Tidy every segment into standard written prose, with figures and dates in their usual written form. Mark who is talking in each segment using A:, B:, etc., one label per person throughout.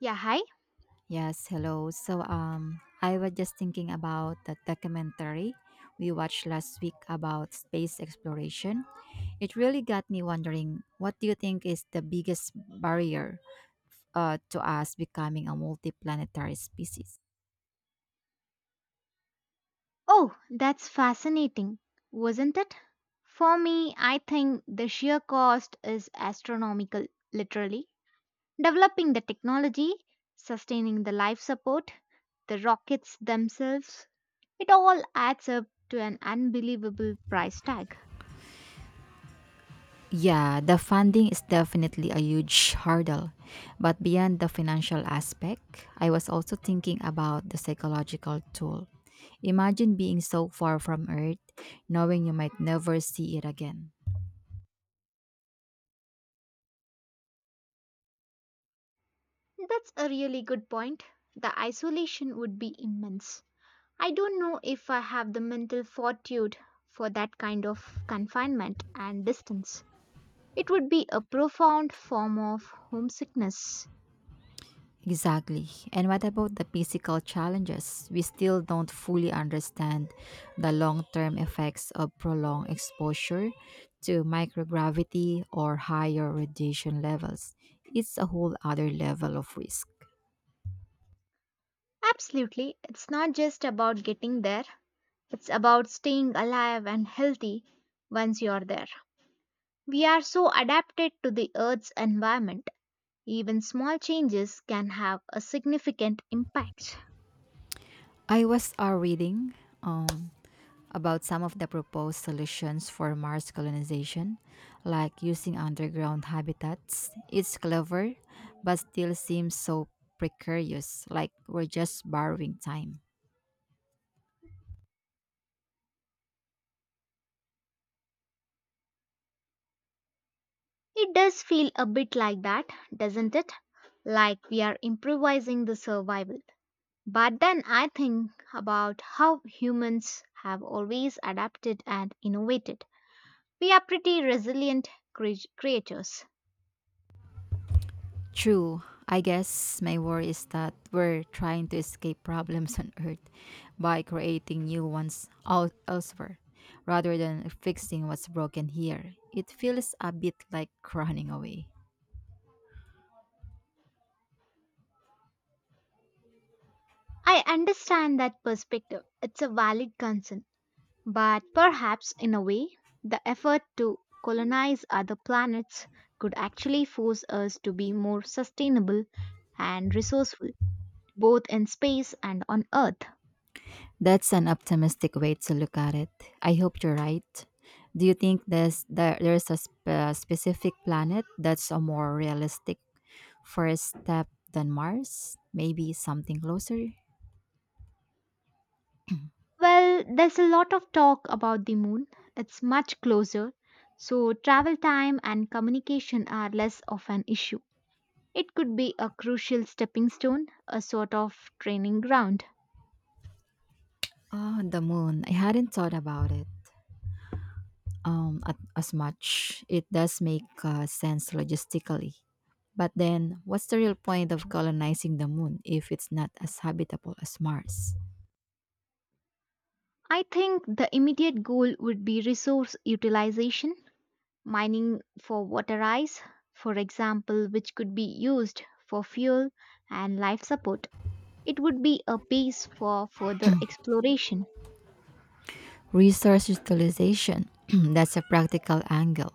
A: Yeah, hi.
B: Yes, hello. I was just thinking about the documentary we watched last week about space exploration. It really got me wondering, what do you think is the biggest barrier to us becoming a multiplanetary species?
A: Oh, that's fascinating, wasn't it? For me, I think the sheer cost is astronomical, literally. Developing the technology, sustaining the life support, the rockets themselves, it all adds up to an unbelievable price tag.
B: Yeah, the funding is definitely a huge hurdle. But beyond the financial aspect, I was also thinking about the psychological toll. Imagine being so far from Earth, knowing you might never see it again.
A: That's a really good point. The isolation would be immense. I don't know if I have the mental fortitude for that kind of confinement and distance. It would be a profound form of homesickness.
B: Exactly. And what about the physical challenges? We still don't fully understand the long term effects of prolonged exposure to microgravity or higher radiation levels. It's a whole other level of risk.
A: Absolutely, it's not just about getting there, it's about staying alive and healthy once you're there. We are so adapted to the Earth's environment, even small changes can have a significant impact.
B: I was reading um, about some of the proposed solutions for Mars colonization, like using underground habitats. It's clever, but still seems so precarious, like we're just borrowing time.
A: It does feel a bit like that, doesn't it? Like we are improvising the survival. But then I think about how humans have always adapted and innovated. We are pretty resilient creatures.
B: True. I guess my worry is that we're trying to escape problems on Earth by creating new ones out elsewhere rather than fixing what's broken here. It feels a bit like running away.
A: I understand that perspective. It's a valid concern. But perhaps, in a way, the effort to colonize other planets could actually force us to be more sustainable and resourceful, both in space and on Earth.
B: That's an optimistic way to look at it. I hope you're right. Do you think there's a specific planet that's a more realistic first step than Mars? Maybe something closer?
A: Well, there's a lot of talk about the moon. It's much closer, so travel time and communication are less of an issue. It could be a crucial stepping stone, a sort of training ground.
B: Oh, the moon. I hadn't thought about it as much. It does make sense logistically. But then, what's the real point of colonizing the moon if it's not as habitable as Mars?
A: I think the immediate goal would be resource utilization, mining for water ice, for example, which could be used for fuel and life support. It would be a base for further exploration.
B: Resource utilization that's a practical angle.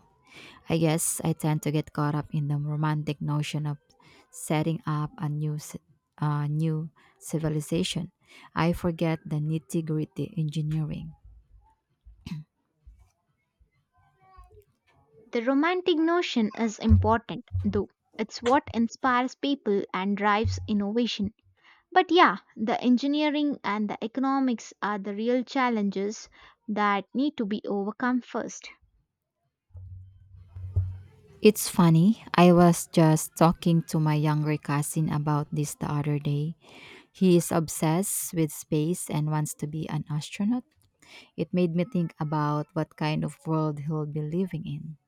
B: I guess I tend to get caught up in the romantic notion of setting up a new civilization. I forget the nitty gritty engineering.
A: The romantic notion is important, though. It's what inspires people and drives innovation. But yeah, the engineering and the economics are the real challenges that need to be overcome first.
B: It's funny, I was just talking to my younger cousin about this the other day. He is obsessed with space and wants to be an astronaut. It made me think about what kind of world he'll be living in.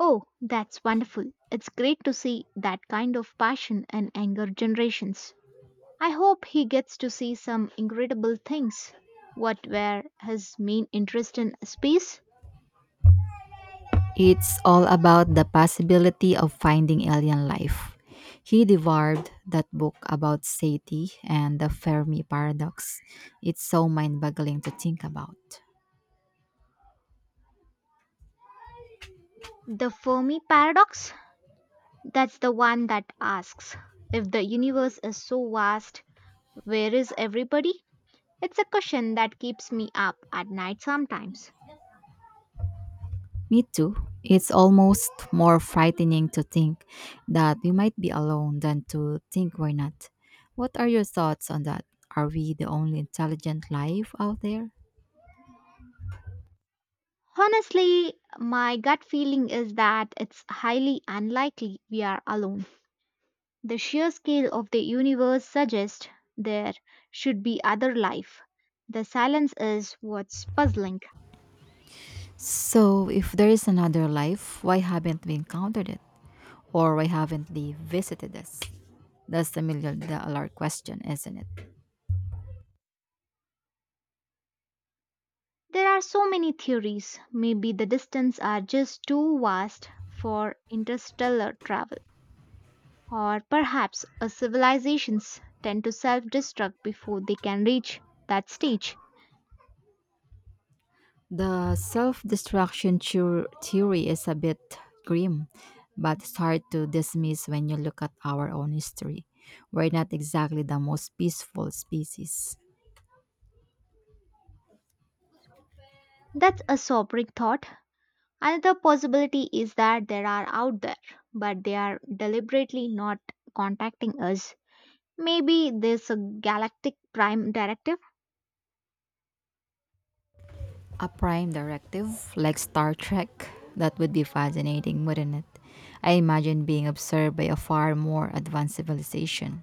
A: Oh, that's wonderful. It's great to see that kind of passion in younger generations. I hope he gets to see some incredible things. What were his main interest in space?
B: It's all about the possibility of finding alien life. He devoured that book about SETI and the Fermi paradox. It's so mind boggling to think about.
A: The Fermi paradox? That's the one that asks if the universe is so vast, where is everybody? It's a question that keeps me up at night sometimes.
B: Me too. It's almost more frightening to think that we might be alone than to think we're not. What are your thoughts on that? Are we the only intelligent life out there?
A: Honestly, my gut feeling is that it's highly unlikely we are alone. The sheer scale of the universe suggests there should be other life. The silence is what's puzzling.
B: So, if there is another life, why haven't we encountered it? Or why haven't they visited us? That's the million dollar question, isn't it?
A: There are so many theories. Maybe the distance are just too vast for interstellar travel. Or perhaps a civilizations tend to self destruct before they can reach that stage.
B: The self destruction theory is a bit grim, but it's hard to dismiss when you look at our own history. We're not exactly the most peaceful species.
A: That's a sobering thought. Another possibility is that there are out there, but they are deliberately not contacting us. Maybe there's a galactic prime directive.
B: A prime directive, like Star Trek, that would be fascinating, wouldn't it? I imagine being observed by a far more advanced civilization.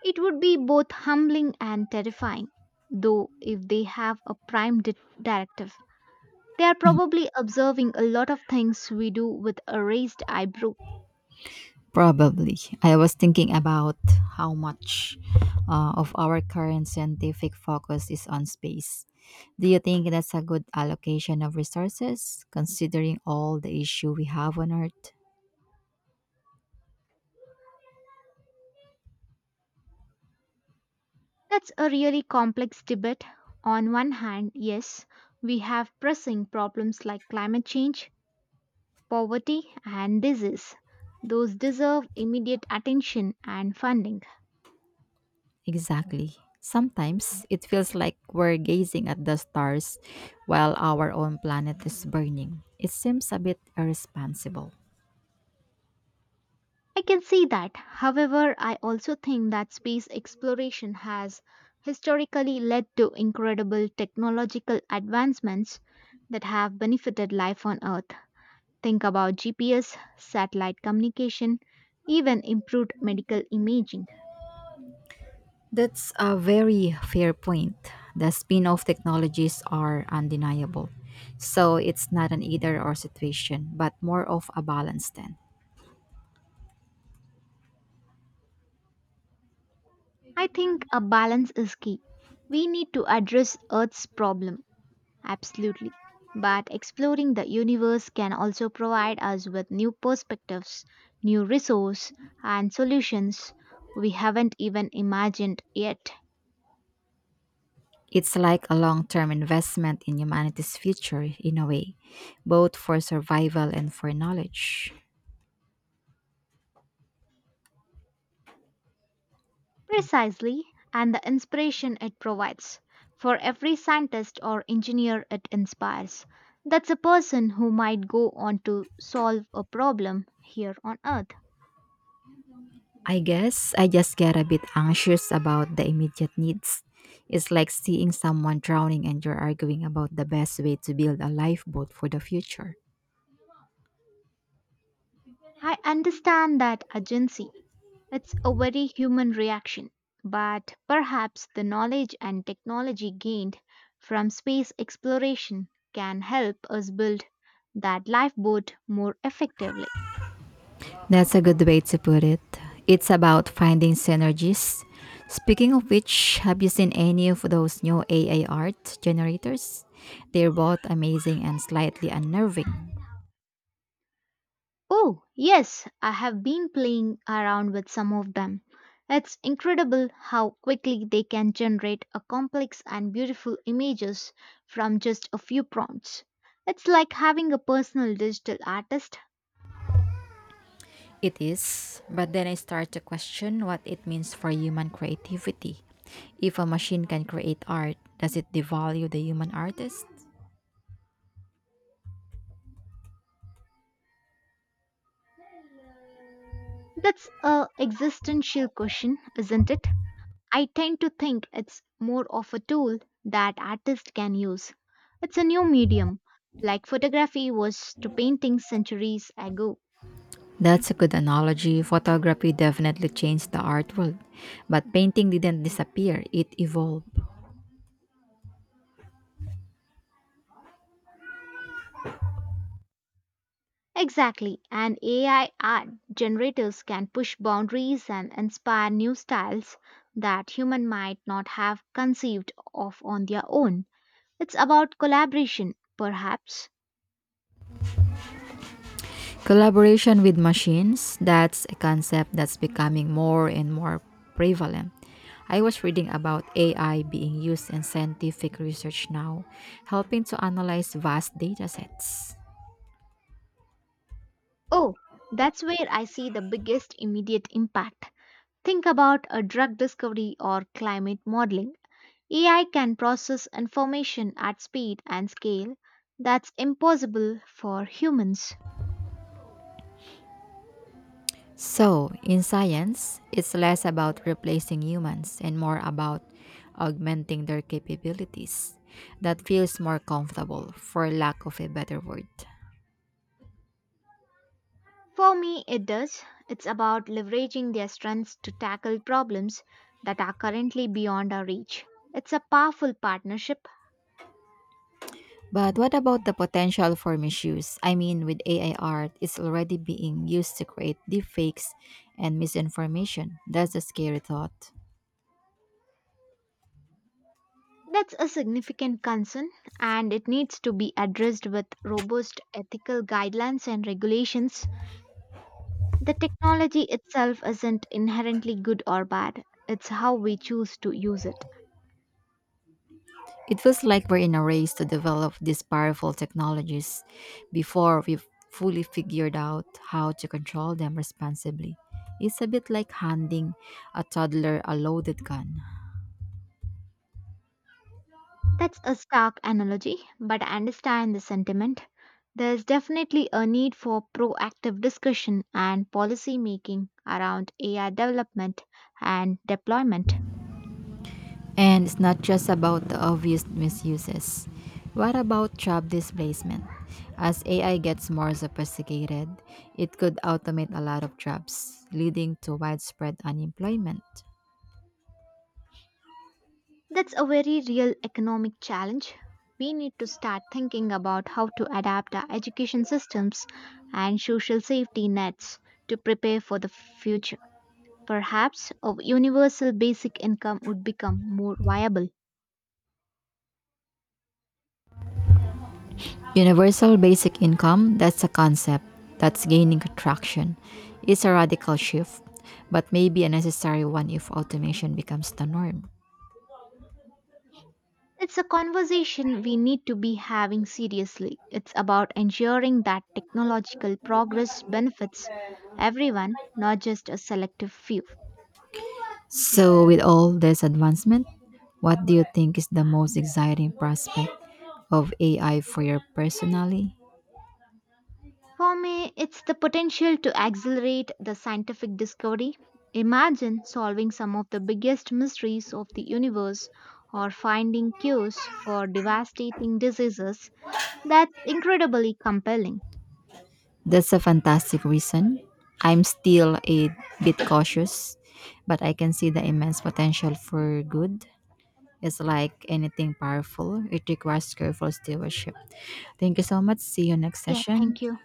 A: It would be both humbling and terrifying, though, if they have a prime directive. They are probably observing a lot of things we do with a raised eyebrow.
B: Probably. I was thinking about how much of our current scientific focus is on space. Do you think that's a good allocation of resources, considering all the issue we have on Earth?
A: That's a really complex debate. On one hand, yes, we have pressing problems like climate change, poverty, and disease. Those deserve immediate attention and funding.
B: Exactly. Sometimes it feels like we're gazing at the stars while our own planet is burning. It seems a bit irresponsible.
A: I can see that. However, I also think that space exploration has historically led to incredible technological advancements that have benefited life on Earth. Think about GPS, satellite communication, even improved medical imaging.
B: That's a very fair point. The spin off technologies are undeniable. So it's not an either or situation, but more of a balance then.
A: I think a balance is key. We need to address Earth's problem. Absolutely. But exploring the universe can also provide us with new perspectives, new resources, and solutions we haven't even imagined yet.
B: It's like a long term investment in humanity's future, in a way, both for survival and for knowledge.
A: Precisely, and the inspiration it provides. For every scientist or engineer it inspires, that's a person who might go on to solve a problem here on Earth.
B: I guess I just get a bit anxious about the immediate needs. It's like seeing someone drowning and you're arguing about the best way to build a lifeboat for the future.
A: I understand that urgency. It's a very human reaction, but perhaps the knowledge and technology gained from space exploration can help us build that lifeboat more effectively.
B: That's a good way to put it. It's about finding synergies. Speaking of which, have you seen any of those new AI art generators? They're both amazing and slightly unnerving.
A: Oh, yes, I have been playing around with some of them. It's incredible how quickly they can generate a complex and beautiful images from just a few prompts. It's like having a personal digital artist.
B: It is, but then I start to question what it means for human creativity. If a machine can create art, does it devalue the human artist?
A: That's a existential question, isn't it? I tend to think it's more of a tool that artists can use. It's a new medium, like photography was to painting centuries ago.
B: That's a good analogy. Photography definitely changed the art world, but painting didn't disappear, it evolved.
A: Exactly, and AI art generators can push boundaries and inspire new styles that human might not have conceived of on their own. It's about collaboration, perhaps.
B: Collaboration with machines, that's a concept that's becoming more and more prevalent. I was reading about AI being used in scientific research now, helping to analyze vast data sets.
A: Oh, that's where I see the biggest immediate impact. Think about a drug discovery or climate modeling. AI can process information at speed and scale that's impossible for humans.
B: So, in science, it's less about replacing humans and more about augmenting their capabilities. That feels more comfortable, for lack of a better word.
A: For me, it does. It's about leveraging their strengths to tackle problems that are currently beyond our reach. It's a powerful partnership.
B: But what about the potential for misuse? I mean, with AI art, it's already being used to create deepfakes and misinformation. That's a scary thought.
A: That's a significant concern, and it needs to be addressed with robust ethical guidelines and regulations. The technology itself isn't inherently good or bad, it's how we choose to use it.
B: It feels like we're in a race to develop these powerful technologies before we've fully figured out how to control them responsibly. It's a bit like handing a toddler a loaded gun.
A: That's a stark analogy, but I understand the sentiment. There's definitely a need for proactive discussion and policy making around AI development and deployment.
B: And it's not just about the obvious misuses. What about job displacement? As AI gets more sophisticated, it could automate a lot of jobs, leading to widespread unemployment.
A: That's a very real economic challenge. We need to start thinking about how to adapt our education systems and social safety nets to prepare for the future. Perhaps a universal basic income would become more viable.
B: Universal basic income, that's a concept that's gaining traction. It's a radical shift, but maybe a necessary one if automation becomes the norm.
A: It's a conversation we need to be having seriously. It's about ensuring that technological progress benefits everyone, not just a selective few.
B: So, with all this advancement, what do you think is the most exciting prospect of AI for your personally?
A: For me, it's the potential to accelerate the scientific discovery. Imagine solving some of the biggest mysteries of the universe or finding cures for devastating diseases. That's incredibly compelling.
B: That's a fantastic reason. I'm still a bit cautious, but I can see the immense potential for good. It's like anything powerful, it requires careful stewardship. Thank you so much. See you next
A: Yeah, thank
B: session.
A: you.